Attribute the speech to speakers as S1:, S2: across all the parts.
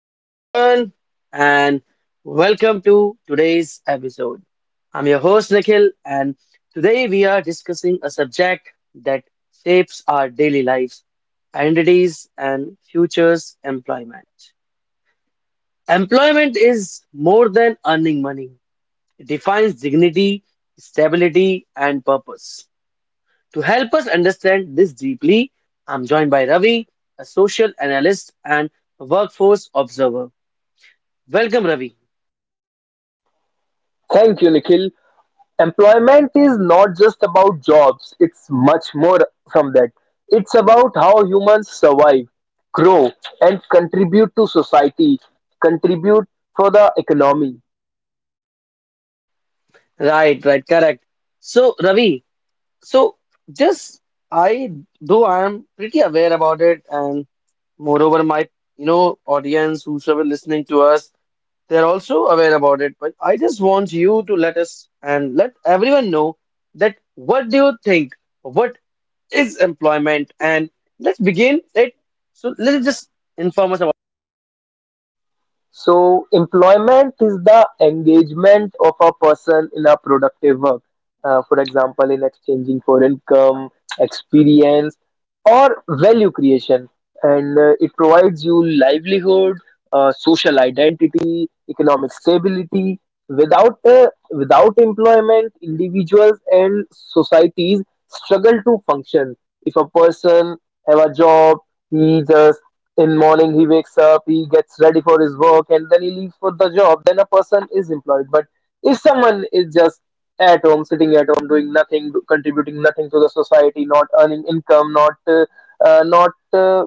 S1: Hello, everyone, and welcome to today's episode. I'm your host, Nikhil, and today we are discussing a subject that shapes our daily lives, identities, and futures employment. Employment is more than earning money, it defines dignity, stability, and purpose. To help us understand this deeply, I'm joined by Ravi, a social analyst and workforce observer. Welcome, Ravi.
S2: Thank you, Nikhil. Employment is not just about jobs, it's much more from that. It's about how humans survive, grow, and contribute to society, contribute for the economy.
S1: Right, right, correct. So, Ravi, so just I though I am pretty aware about it, and moreover, my audience whosoever listening to us, they're also aware about it. But I just want you to let us and let everyone know that what do you think? What is employment? And let's begin it. So let's just inform us.
S2: So, employment is the engagement of a person in a productive work. For example, in exchanging for income, experience, or value creation. And It provides you livelihood, social identity, economic stability. Without employment, individuals and societies struggle to function. If a person have a job, he just in morning he wakes up, he gets ready for his work, and then he leaves for the job, then a person is employed. But if someone is just at home, sitting at home, doing nothing, contributing nothing to the society, not earning income, uh, not uh,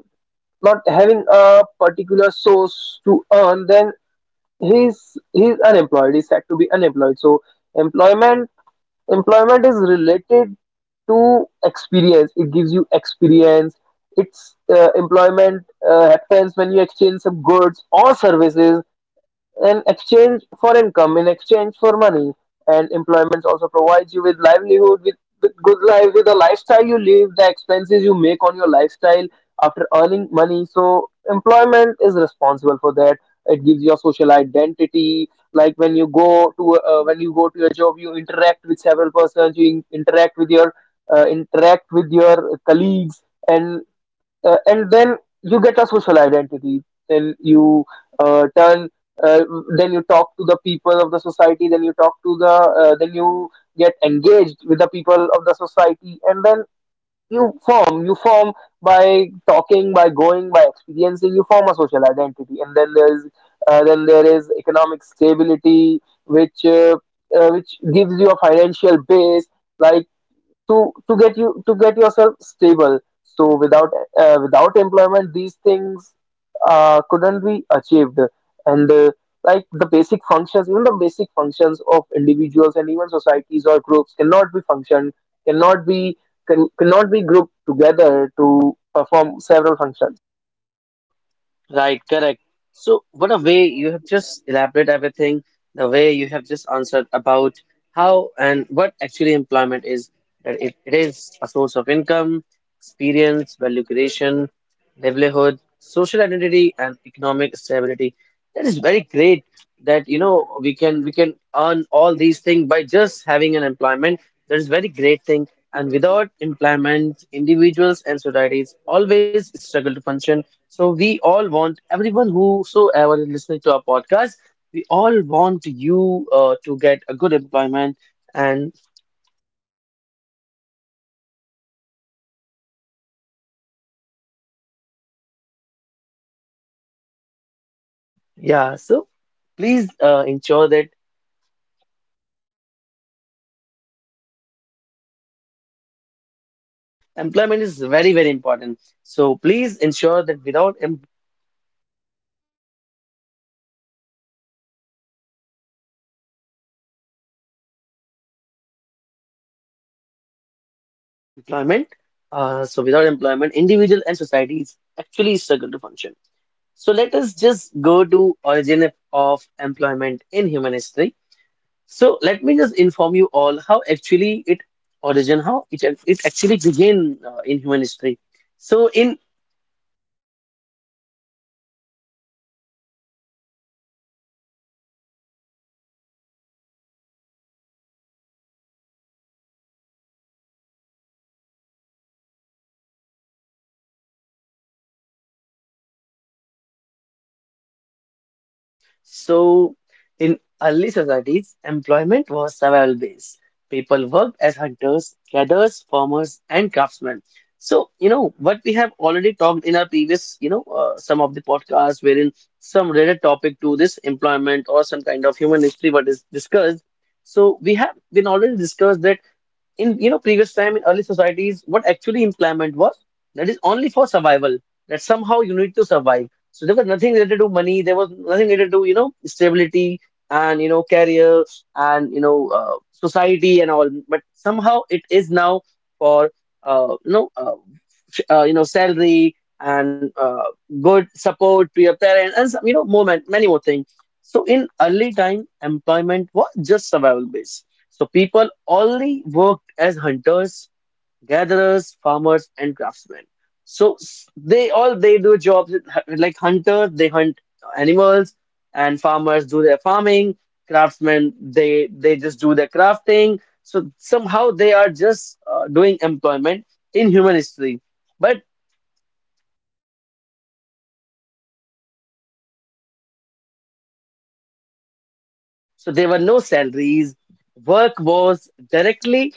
S2: not having a particular source to earn, then he's he's unemployed, he's said to be unemployed. So employment Employment is related to experience. It gives you experience. It's Employment happens when you exchange some goods or services in exchange for income, in exchange for money, and employment also provides you with livelihood, with good life, with the lifestyle you live, the expenses you make on your lifestyle after earning money. So employment is responsible for that. It gives you a social identity. Like when you go to your job, you interact with several persons. You interact with your colleagues, and and then you get a social identity. Then you uh, turn uh, talk to the people of the society, then you get engaged with the people of the society, and then you form by talking, by going, by experiencing, you form a social identity. And then there is economic stability, which gives you a financial base, like, to get you to get yourself stable. So without without employment, these things couldn't be achieved, and like the basic functions, even the basic functions of individuals and even societies or groups cannot be functioned, cannot be, cannot be grouped together to perform several functions.
S1: Right, correct. So, what a way you have just elaborated everything, the way you have just answered about how and what actually employment is, that it is a source of income, experience, value creation, livelihood, social identity, and economic stability. That is very great that you know, we can earn all these things by just having an employment. That is very great thing. And without employment individuals and societies always struggle to function, so we all want everyone whosoever is listening to our podcast, we all want you to get a good employment. And yeah, so please ensure that employment is very very important, so please ensure that without em. Employment. So without employment, individual and societies actually struggle to function. So let us just go to origin of employment in human history. So let me just inform you all how actually it origin, how it actually began in human history. So in So, in early societies, employment was survival based. People worked as hunters, gatherers, farmers, and craftsmen. So, you know, what we have already talked in our previous, you know, some of the podcasts wherein some related topic to this employment or some kind of human history what is discussed. So, we have been already discussed that in you know previous time in early societies what actually employment was, that is only for survival, that somehow you need to survive. So there was nothing related to money, there was nothing related to you know stability and you know career and society and all, but somehow it is now for uh, you know uh, you know salary and good support to your parents and some, you know many more things. So in early time employment was just survival based, so people only worked as hunters, gatherers, farmers, and craftsmen. So they all they do jobs with like hunters, they hunt animals, and farmers do their farming. Craftsmen, they just do their crafting. So somehow they are just doing employment in human history. But so there were no salaries. Work was directly.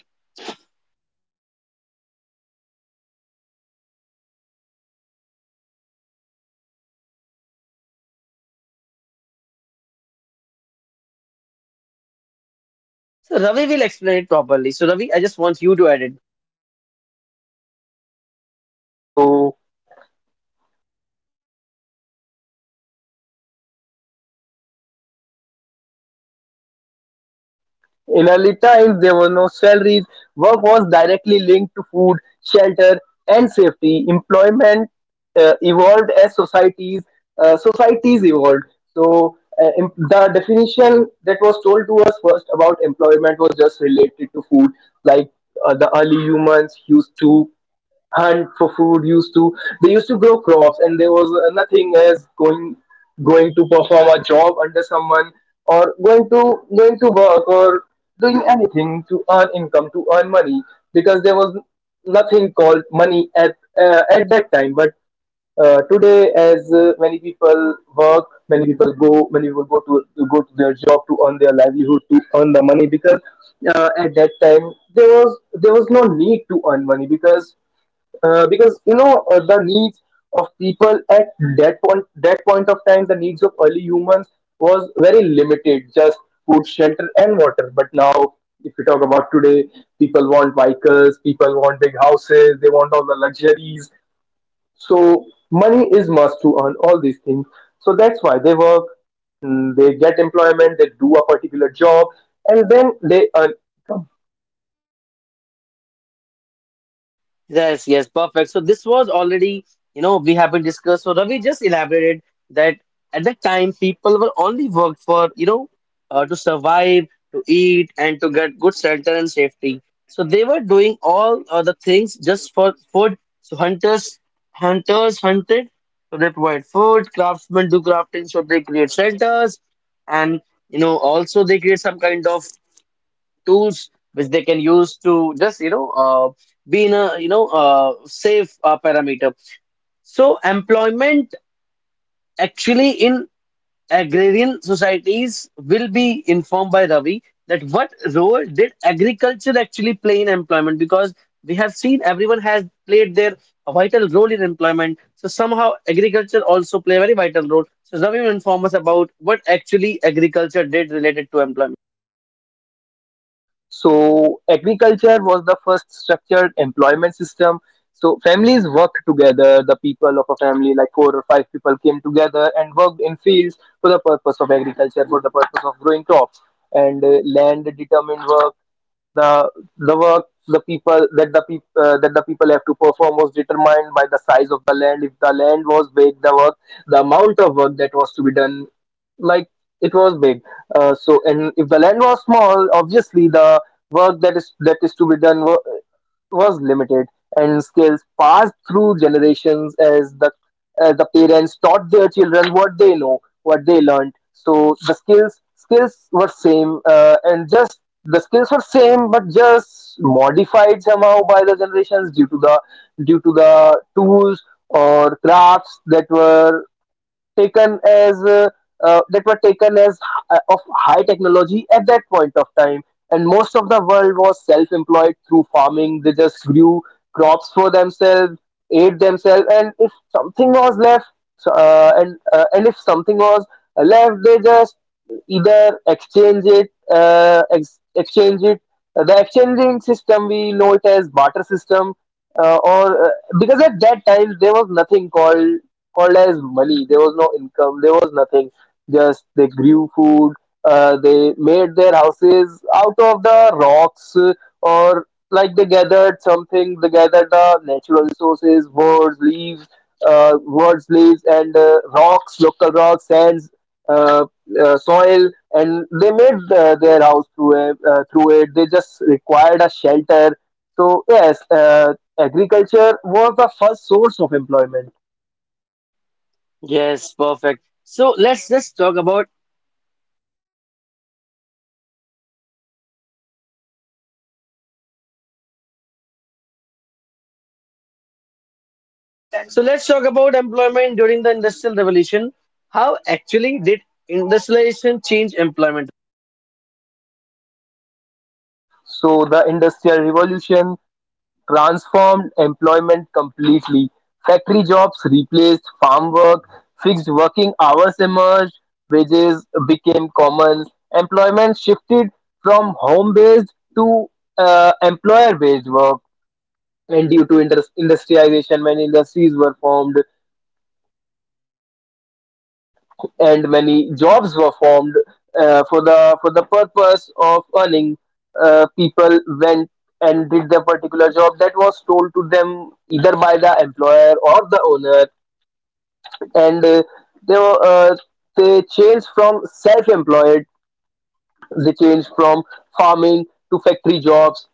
S1: So Ravi will explain it properly. So Ravi, I just want you to add it.
S2: So, in early times, there were no salaries. Work was directly linked to food, shelter, and safety. Employment evolved as societies evolved. So the definition that was told to us first about employment was just related to food, like, the early humans used to hunt for food, used to they used to grow crops, and there was nothing as going to perform a job under someone, or going to work, or doing anything to earn income, to earn money, because there was nothing called money at that time. But today, as many people work, many people go, many people go to their job to earn their livelihood, to earn the money, because at that time there was no need to earn money, because the needs of people at that point of time, the needs of early humans was very limited: just food, shelter, and water. But now, if we talk about today, people want vehicles, people want big houses, they want all the luxuries. So money is must to earn all these things, so that's why they work. They get employment, they do a particular job, and then they earn.
S1: Yes, yes, perfect. So this was already, you know, we have been discussed. So Ravi just elaborated that at that time people were only worked for, you know, to survive, to eat, and to get good shelter and safety. So they were doing all the things just for food. So hunters hunted, so they provide food. Craftsmen do crafting, so they create shelters, and you know, also they create some kind of tools which they can use to just be in a safe parameter. So employment actually in agrarian societies will be informed by Ravi, that what role did agriculture actually play in employment? Because we have seen everyone has played their vital role in employment, so somehow agriculture also play a very vital role. So Ravi will inform us about what actually agriculture did related to employment.
S2: So agriculture was the first structured employment system. So families worked together. The people of a family, like four or five people, came together and worked in fields for the purpose of agriculture, for the purpose of growing crops. And Land determined work. The work, the people, that the people have to perform was determined by the size of the land. If the land was big, the work, the amount of work that was to be done, like, it was big. So, and if the land was small, obviously the work that is to be done was limited, and skills passed through generations, as the parents taught their children what they know, what they learned. So the skills were same, and just the skills were same, but just modified somehow by the generations due to the tools or crafts that were taken as uh, that were taken as of high technology at that point of time. And most of the world was self-employed through farming. They just grew crops for themselves, ate themselves, and if something was left, so, and if something was left, they just either exchange it, the exchanging system we know it as barter system, or because at that time there was nothing called as money. There was no income. There was nothing. Just they grew food. They made their houses out of the rocks, or like they gathered something. They gathered the natural resources: birds, leaves, and rocks, local rocks, sands, uh, soil, and they made their house through it, They just required a shelter. So yes, agriculture was the first source of employment.
S1: Yes, perfect. so let's just talk about So let's talk about employment during the Industrial Revolution. How actually did industrialization change employment?
S2: So the Industrial Revolution transformed employment completely. Factory jobs replaced farm work, fixed working hours emerged, wages became common, employment shifted from home based to employer based work. And due to industrialization, many industries were formed, and many jobs were formed for the purpose of earning. People went and did their particular job that was told to them, either by the employer or the owner, and they were, uh, they changed from self-employed. They changed from farming to factory jobs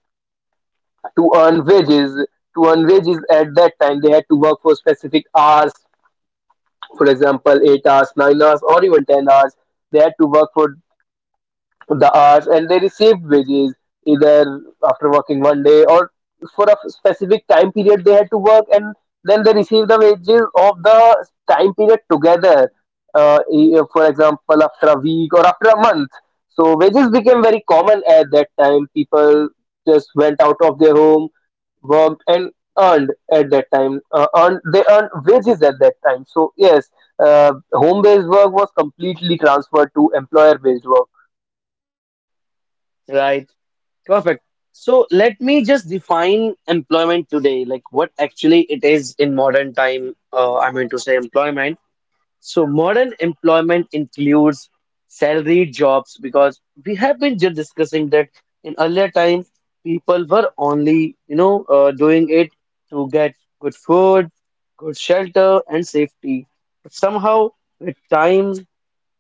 S2: to earn wages. To earn wages at that time, they had to work for specific hours. For example, 8 hours, 9 hours, or even 10 hours they had to work for the hours, and they received wages either after working one day, or for a specific time period they had to work, and then they received the wages of the time period together, for example, after a week or after a month. So wages became very common at that time. People just went out of their home, worked, and earned at that time, earned they earned wages at that time. So yes, home based work was completely transferred to employer based work.
S1: Right. Perfect. So let me just define employment today, like what actually it is in modern time. I mean to say employment. So modern employment includes salaried jobs, because we have been just discussing that in earlier times people were only doing it to get good food, good shelter and safety. But somehow with time,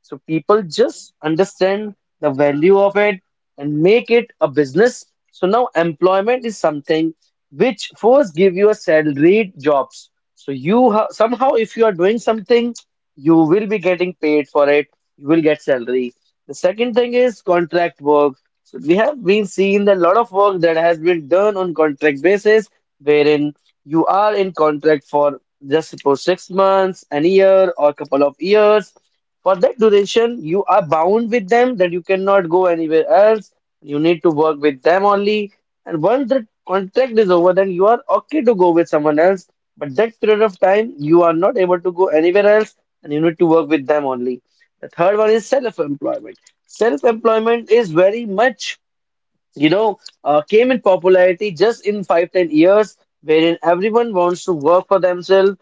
S1: so people just understand the value of it and make it a business. So now employment is something which first give you a salaried jobs. So you ha somehow if you are doing something, you will be getting paid for it. You will get salary. The second thing is contract work. So we have been seeing a lot of work that has been done on contract basis, wherein you are in contract for just suppose 6 months, an year, or couple of years. For that duration, you are bound with them that you cannot go anywhere else. You need to work with them only. And once the contract is over, then you are okay to go with someone else. But that period of time, you are not able to go anywhere else and you need to work with them only. The third one is self-employment. Self-employment is very much you know, came in popularity just in five, 10 years, wherein everyone wants to work for themselves.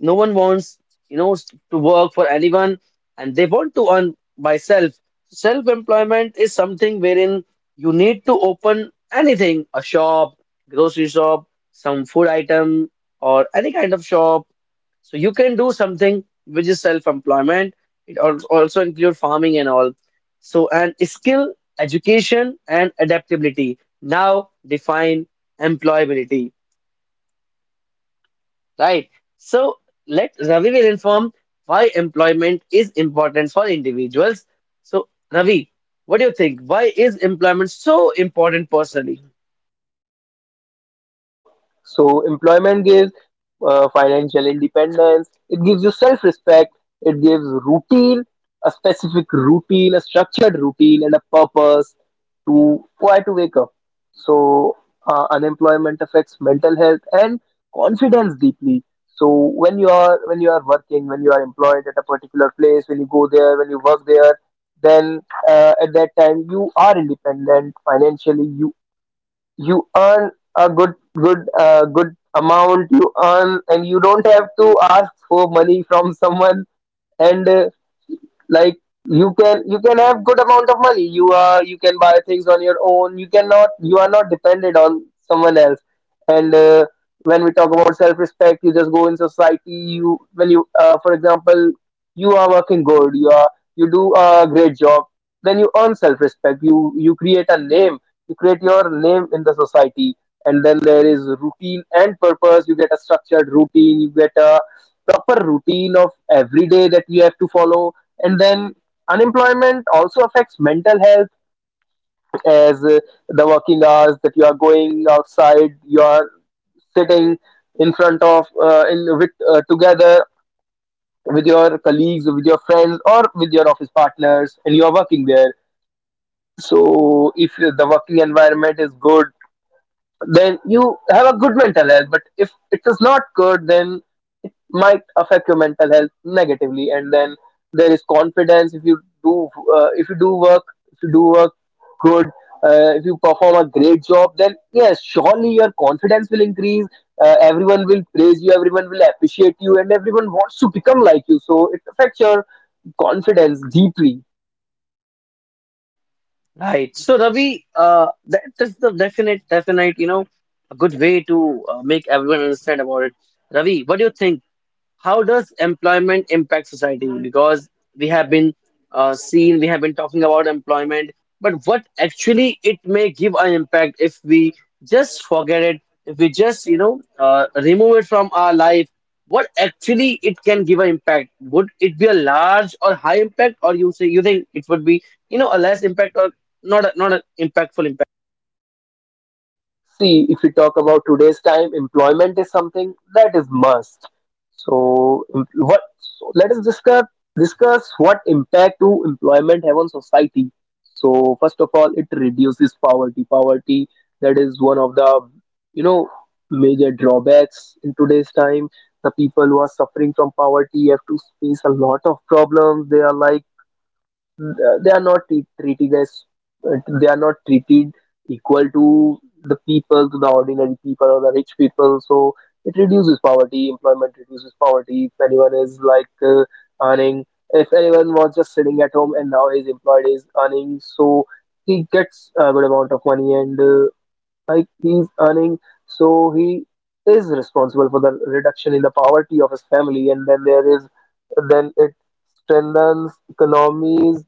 S1: No one wants, you know, to work for anyone, and they want to earn by self. Self-employment is something wherein you need to open anything, a shop, grocery shop, some food item, or any kind of shop. So you can do something which is self-employment. Also include farming and all. So and skill education and adaptability now define employability. Right. So let Ravi will inform why employment is important for individuals. So Ravi, what do you think, why is employment so important personally?
S2: So employment gives financial independence. It gives you self-respect. It gives routine, a specific routine, a structured routine, and a purpose to why to wake up. So unemployment affects mental health and confidence deeply. So when you are working, when you are employed at a particular place, when you go there, when you work there, then at that time you are independent financially. You earn a good good amount, you earn, and you don't have to ask for money from someone, and like, you can have good amount of money. You are, you can buy things on your own. You cannot, you are not dependent on someone else, and when we talk about self respect, you just go in society. You, when you for example, you are working good, you are, you do a great job, then you earn self respect. You create a name, you create your name in the society. And then there is routine and purpose. You get a structured routine, you get a proper routine of every day that you have to follow. And then unemployment also affects mental health, as the working hours that you are going outside, you are sitting in front of in with together with your colleagues, with your friends, or with your office partners, and you are working there. So if the working environment is good, then you have a good mental health, but if it is not good, then might affect your mental health negatively. And then there is confidence. If you do uh, if you do work work good, if you perform a great job, then yes, surely your confidence will increase. Everyone will praise you, everyone will appreciate you, and everyone wants to become like you, so it affects your confidence deeply.
S1: Right. So Ravi, that is the definite you know a good way to make everyone understand about it. Ravi, what do you think, how does employment impact society? Because we have been we have been talking about employment, but what actually it may give an impact if we just forget it, if we just, you know, remove it from our life, what actually it can give an impact? Would it be a large or high impact, or you say you think it would be, you know, a less impact or not an impactful impact?
S2: See, if we talk about today's time, employment is something that is must. So em- what so let us discuss, what impact do employment have on society. So first of all, it reduces poverty. Poverty, that is one of the, you know major drawbacks in today's time. The people who are suffering from poverty have to face a lot of problems. They are, like, they are not treated as, they are not treated equal to the people, to the ordinary people Or the rich people. So it reduces poverty, employment reduces poverty. If anyone is like earning, if anyone was just sitting at home and now he's employed, he's earning, so he gets a good amount of money. And like he's earning, so he is responsible for the reduction in the poverty of his family. And then there is, then it strengthens economies.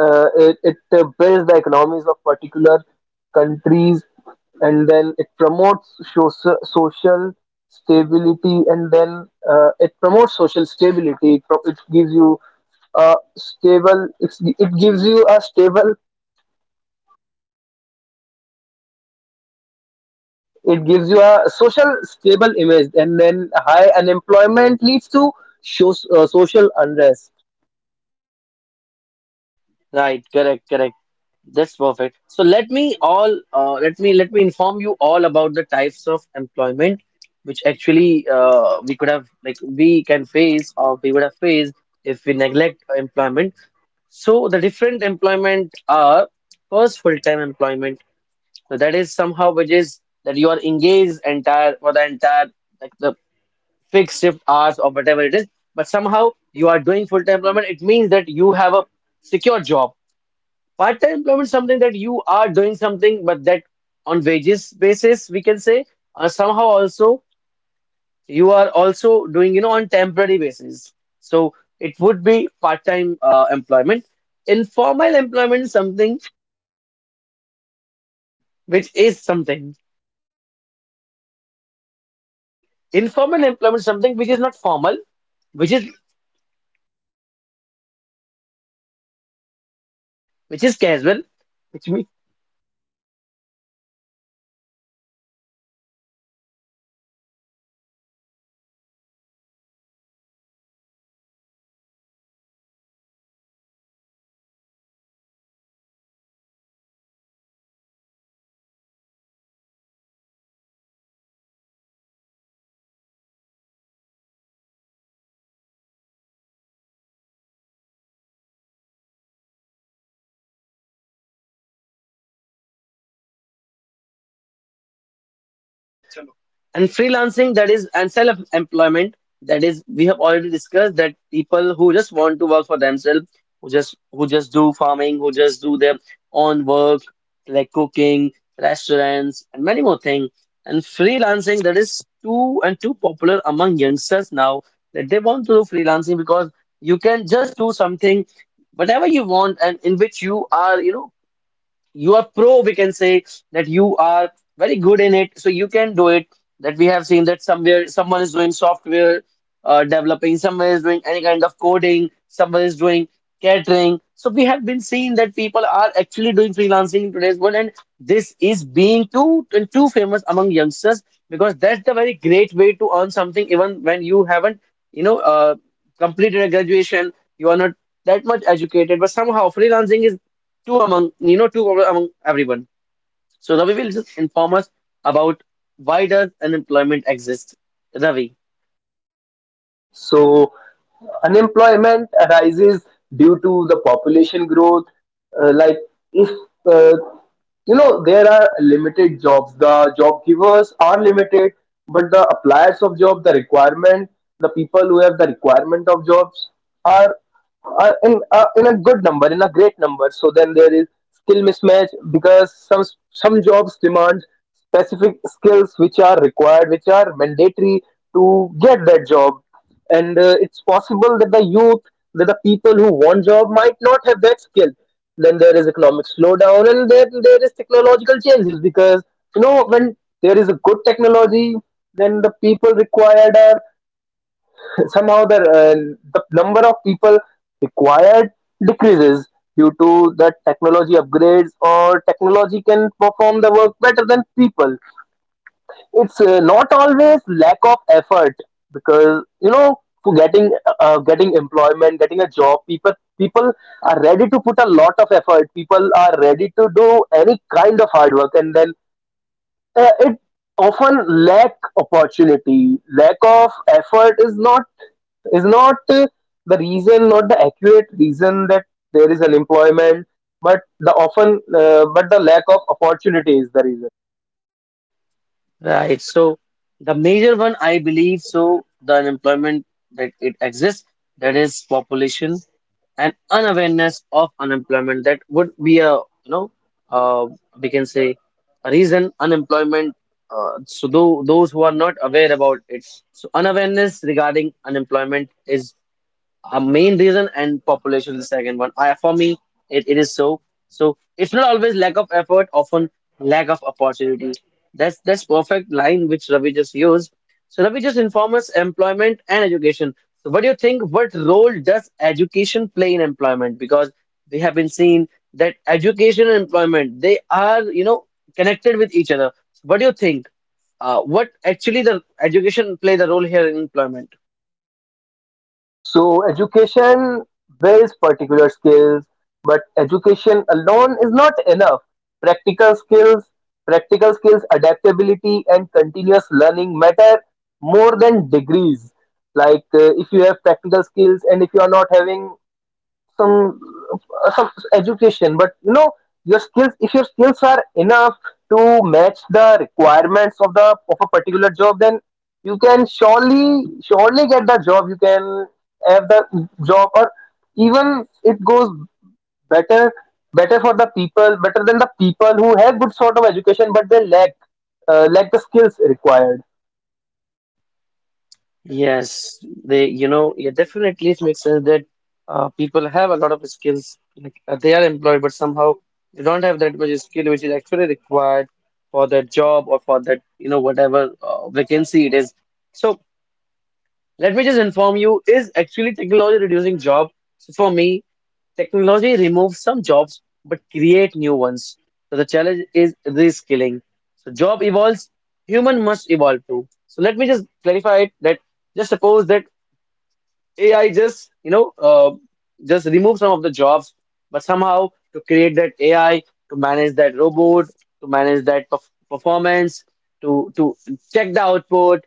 S2: It builds the economies of particular countries. And then it promotes social stability. And then it promotes social stability, it gives you a stable, it gives you a stable, it gives you a social stable image. And then high unemployment leads to, social unrest.
S1: Right, correct, correct. That's perfect. So let me inform you all about the types of employment which actually we could have, like we can face or we would have faced if we neglect employment. So the different employment are first full-time employment. So that is somehow which is that you are engaged entire for the entire like the fixed shift hours or whatever it is, but somehow you are doing full-time employment. It means that you have a secure job. Part-time employment something that you are doing something, but that on wages basis we can say, somehow also you are also doing you know on temporary basis. So it would be part-time employment. Informal employment is something which is something. Informal employment is something which is not formal, which is which is casual, which means, and freelancing that is and self-employment. That is we have already discussed, that people who just want to work for themselves, who just do farming, who just do their own work like cooking, restaurants and many more things. And freelancing, that is too and too popular among youngsters now, that they want to do freelancing because you can just do something whatever you want and in which you are you know you are pro, we can say that you are very good in it, so you can do it. That we have seen that somewhere someone is doing software developing, someone is doing any kind of coding, someone is doing catering. So we have been seeing that people are actually doing freelancing in today's world, and this is being too and too famous among youngsters because that's the very great way to earn something, even when you haven't, you know, completed a graduation, you are not that much educated, but somehow freelancing is two among you know two problem among everyone. So Ravi will just inform us about why does unemployment exist, Ravi.
S2: So unemployment arises due to the population growth. Like, if uh, you know, there are limited jobs, the job givers are limited, but the appliers of job, the requirement, the people who have the requirement of jobs are are in a good number, in a great number. So then there is skill mismatch, because some jobs demand specific skills which are required, which are mandatory to get that job. And it's possible that the youth, that the people who want job might not have that skill. Then there is economic slowdown, and then there is technological changes, because you know, when there is a good technology, then the people required are somehow the number of people required decreases due to the technology upgrades, or technology can perform the work better than people. It's not always lack of effort, because you know, for getting getting employment, getting a job, people are ready to put a lot of effort, people are ready to do any kind of hard work. And then it often lack opportunity, lack of effort is not, is not the reason, not the accurate reason that there is unemployment, but the often but the lack of opportunity is the reason.
S1: Right. So the major one, I believe, so the unemployment that it exists, that is population and unawareness of unemployment. That would be a uh, we can say a reason unemployment. So those who are not aware about it, so unawareness regarding unemployment is a main reason, and population is the second one for me. It is so. So it's not always lack of effort, often lack of opportunity. That's perfect line which Ravi just used. So Ravi, just inform us employment and education. So what do you think, what role does education play in employment? Because we have been seeing that education and employment, they are, connected with each other. So what do you think, what actually the education play the role here in employment?
S2: So education builds particular skills, but education alone is not enough. Practical skills, practical skills, adaptability, and continuous learning matter more than degrees. Like if you have practical skills, and if you are not having some some education, but you know your skills, if your skills are enough to match the requirements of the of a particular job, then you can surely surely get the job, you can have the job. Or even it goes better, better for the people, better than the people who have good sort of education but they lack lack the skills required.
S1: Yes, they, yeah, definitely it makes sense that people have a lot of skills. Like they are employed, but somehow they don't have that much skill which is actually required for that job or for that, whatever vacancy it is. So let me just inform you, is actually technology reducing job? So for me, technology removes some jobs but create new ones. So the challenge is reskilling. So job evolves, human must evolve too. So let me just clarify it that just suppose that AI just just remove some of the jobs, but somehow to create that AI, to manage that robot, to manage that performance, to check the output,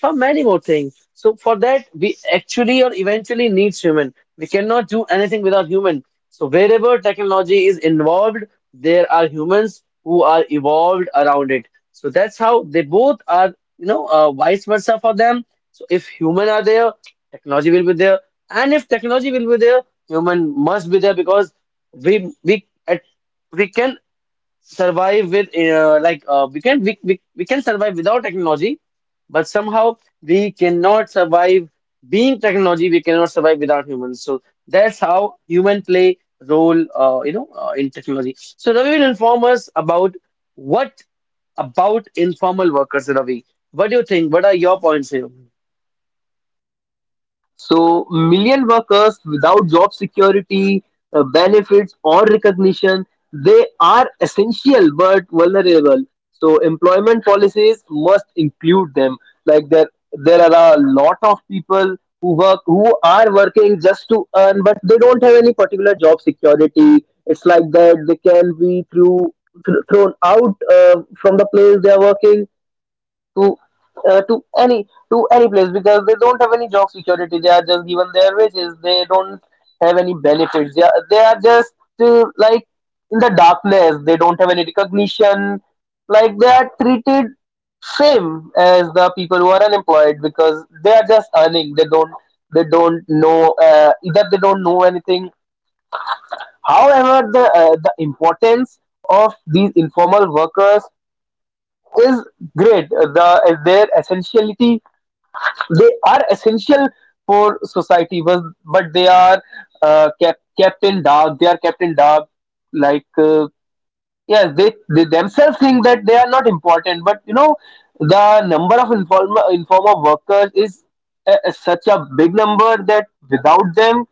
S1: for many more things. So for that, we actually or eventually needs human. We cannot do anything without human. So wherever technology is involved, there are humans who are evolved around it. So that's how they both are, vice versa for them. So if human are there, technology will be there, and if technology will be there, human must be there because we we at, we can survive with we can we can survive without technology, but somehow we cannot survive being technology, we cannot survive without humans. So that's how human play role, in technology. So Ravi will inform us about what about informal workers. Ravi, what do you think, what are your points here?
S2: So, million workers without job security, benefits, or recognition, they are essential but vulnerable. So, employment policies must include them. Like there are a lot of people who work, who are working just to earn, but they don't have any particular job security. It's like that they can be through thrown out from the place they are working to to any, to any place, because they don't have any job security. They are just given their wages. They don't have any benefits. They are just like in the darkness. They don't have any recognition. Like they are treated same as the people who are unemployed, because they are just earning. They don't, they don't know either they don't know anything. However, the importance of these informal workers is great. The their essentiality, they are essential for society, but they are kept in dark, they are kept in dark, like yes they themselves think that they are not important, but you know the number of informal workers is a, such a big number that without them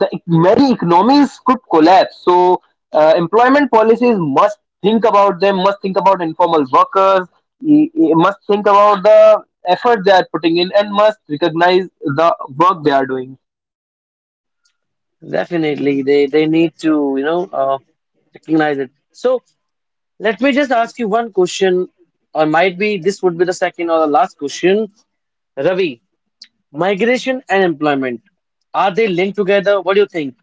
S2: the very economies could collapse. So employment policies must think about them, must think about informal workers, must think about the effort they are putting in, and must recognize the work they are doing.
S1: Definitely they need to, recognize it. So let me just ask you one question, or might be this would be the second or the last question. Ravi, migration and employment, are they linked together? What do you think?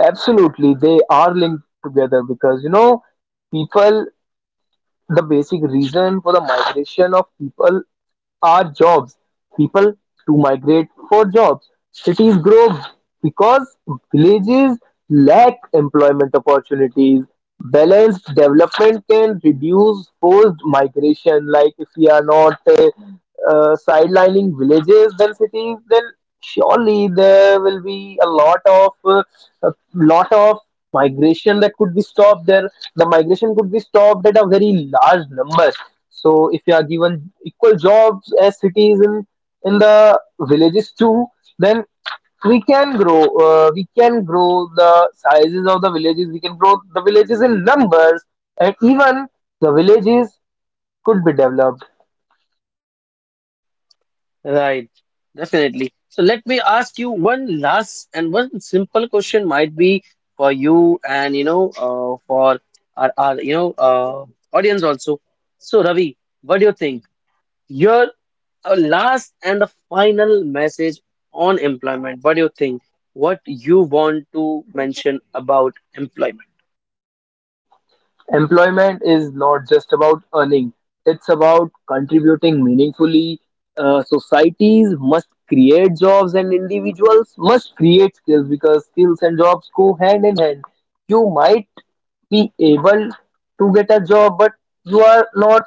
S2: Absolutely, they are linked together, because you know people. The basic reason for the migration of people are jobs. People to migrate for jobs. Cities grow because villages lack employment opportunities. Balanced development can reduce forced migration. Like if we are not sidelining villages than cities, then surely there will be a lot of migration that could be stopped there, the migration could be stopped at a very large number. So if you are given equal jobs as cities, in the villages too, then we can grow. We can grow the sizes of the villages. We can grow the villages in numbers, and even the villages could be developed.
S1: Right, definitely. So let me ask you one last and one simple question, might be for you and, for our, audience also. So Ravi, what do you think? Your last and the final message on employment. What do you think? What you want to mention about employment?
S2: Employment is not just about earning, it's about contributing meaningfully. Societies must create jobs and individuals must create skills, because skills and jobs go hand in hand. You might be able to get a job, but you are not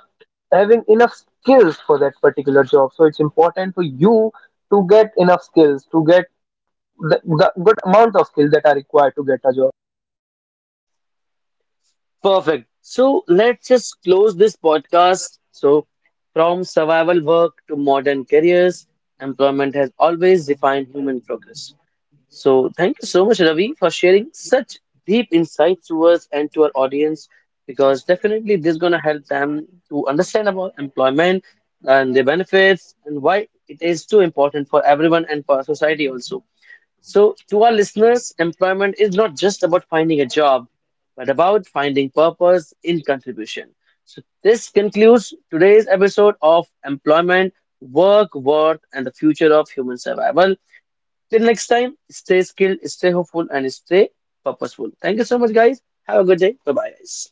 S2: having enough skills for that particular job. So it's important for you to get enough skills, to get the good amount of skills that are required to get a job.
S1: Perfect. So let's just close this podcast. So, from survival work to modern careers, employment has always defined human progress. So thank you so much, Ravi, for sharing such deep insights to us and to our audience, because definitely this is gonna help them to understand about employment and the benefits and why it is too important for everyone and for our society also. So to our listeners, employment is not just about finding a job, but about finding purpose in contribution. So this concludes today's episode of Employment, Work, Worth, and the Future of Human Survival. Till next time, stay skilled, stay hopeful, and stay purposeful. Thank you so much, guys. Have a good day. Bye bye, guys.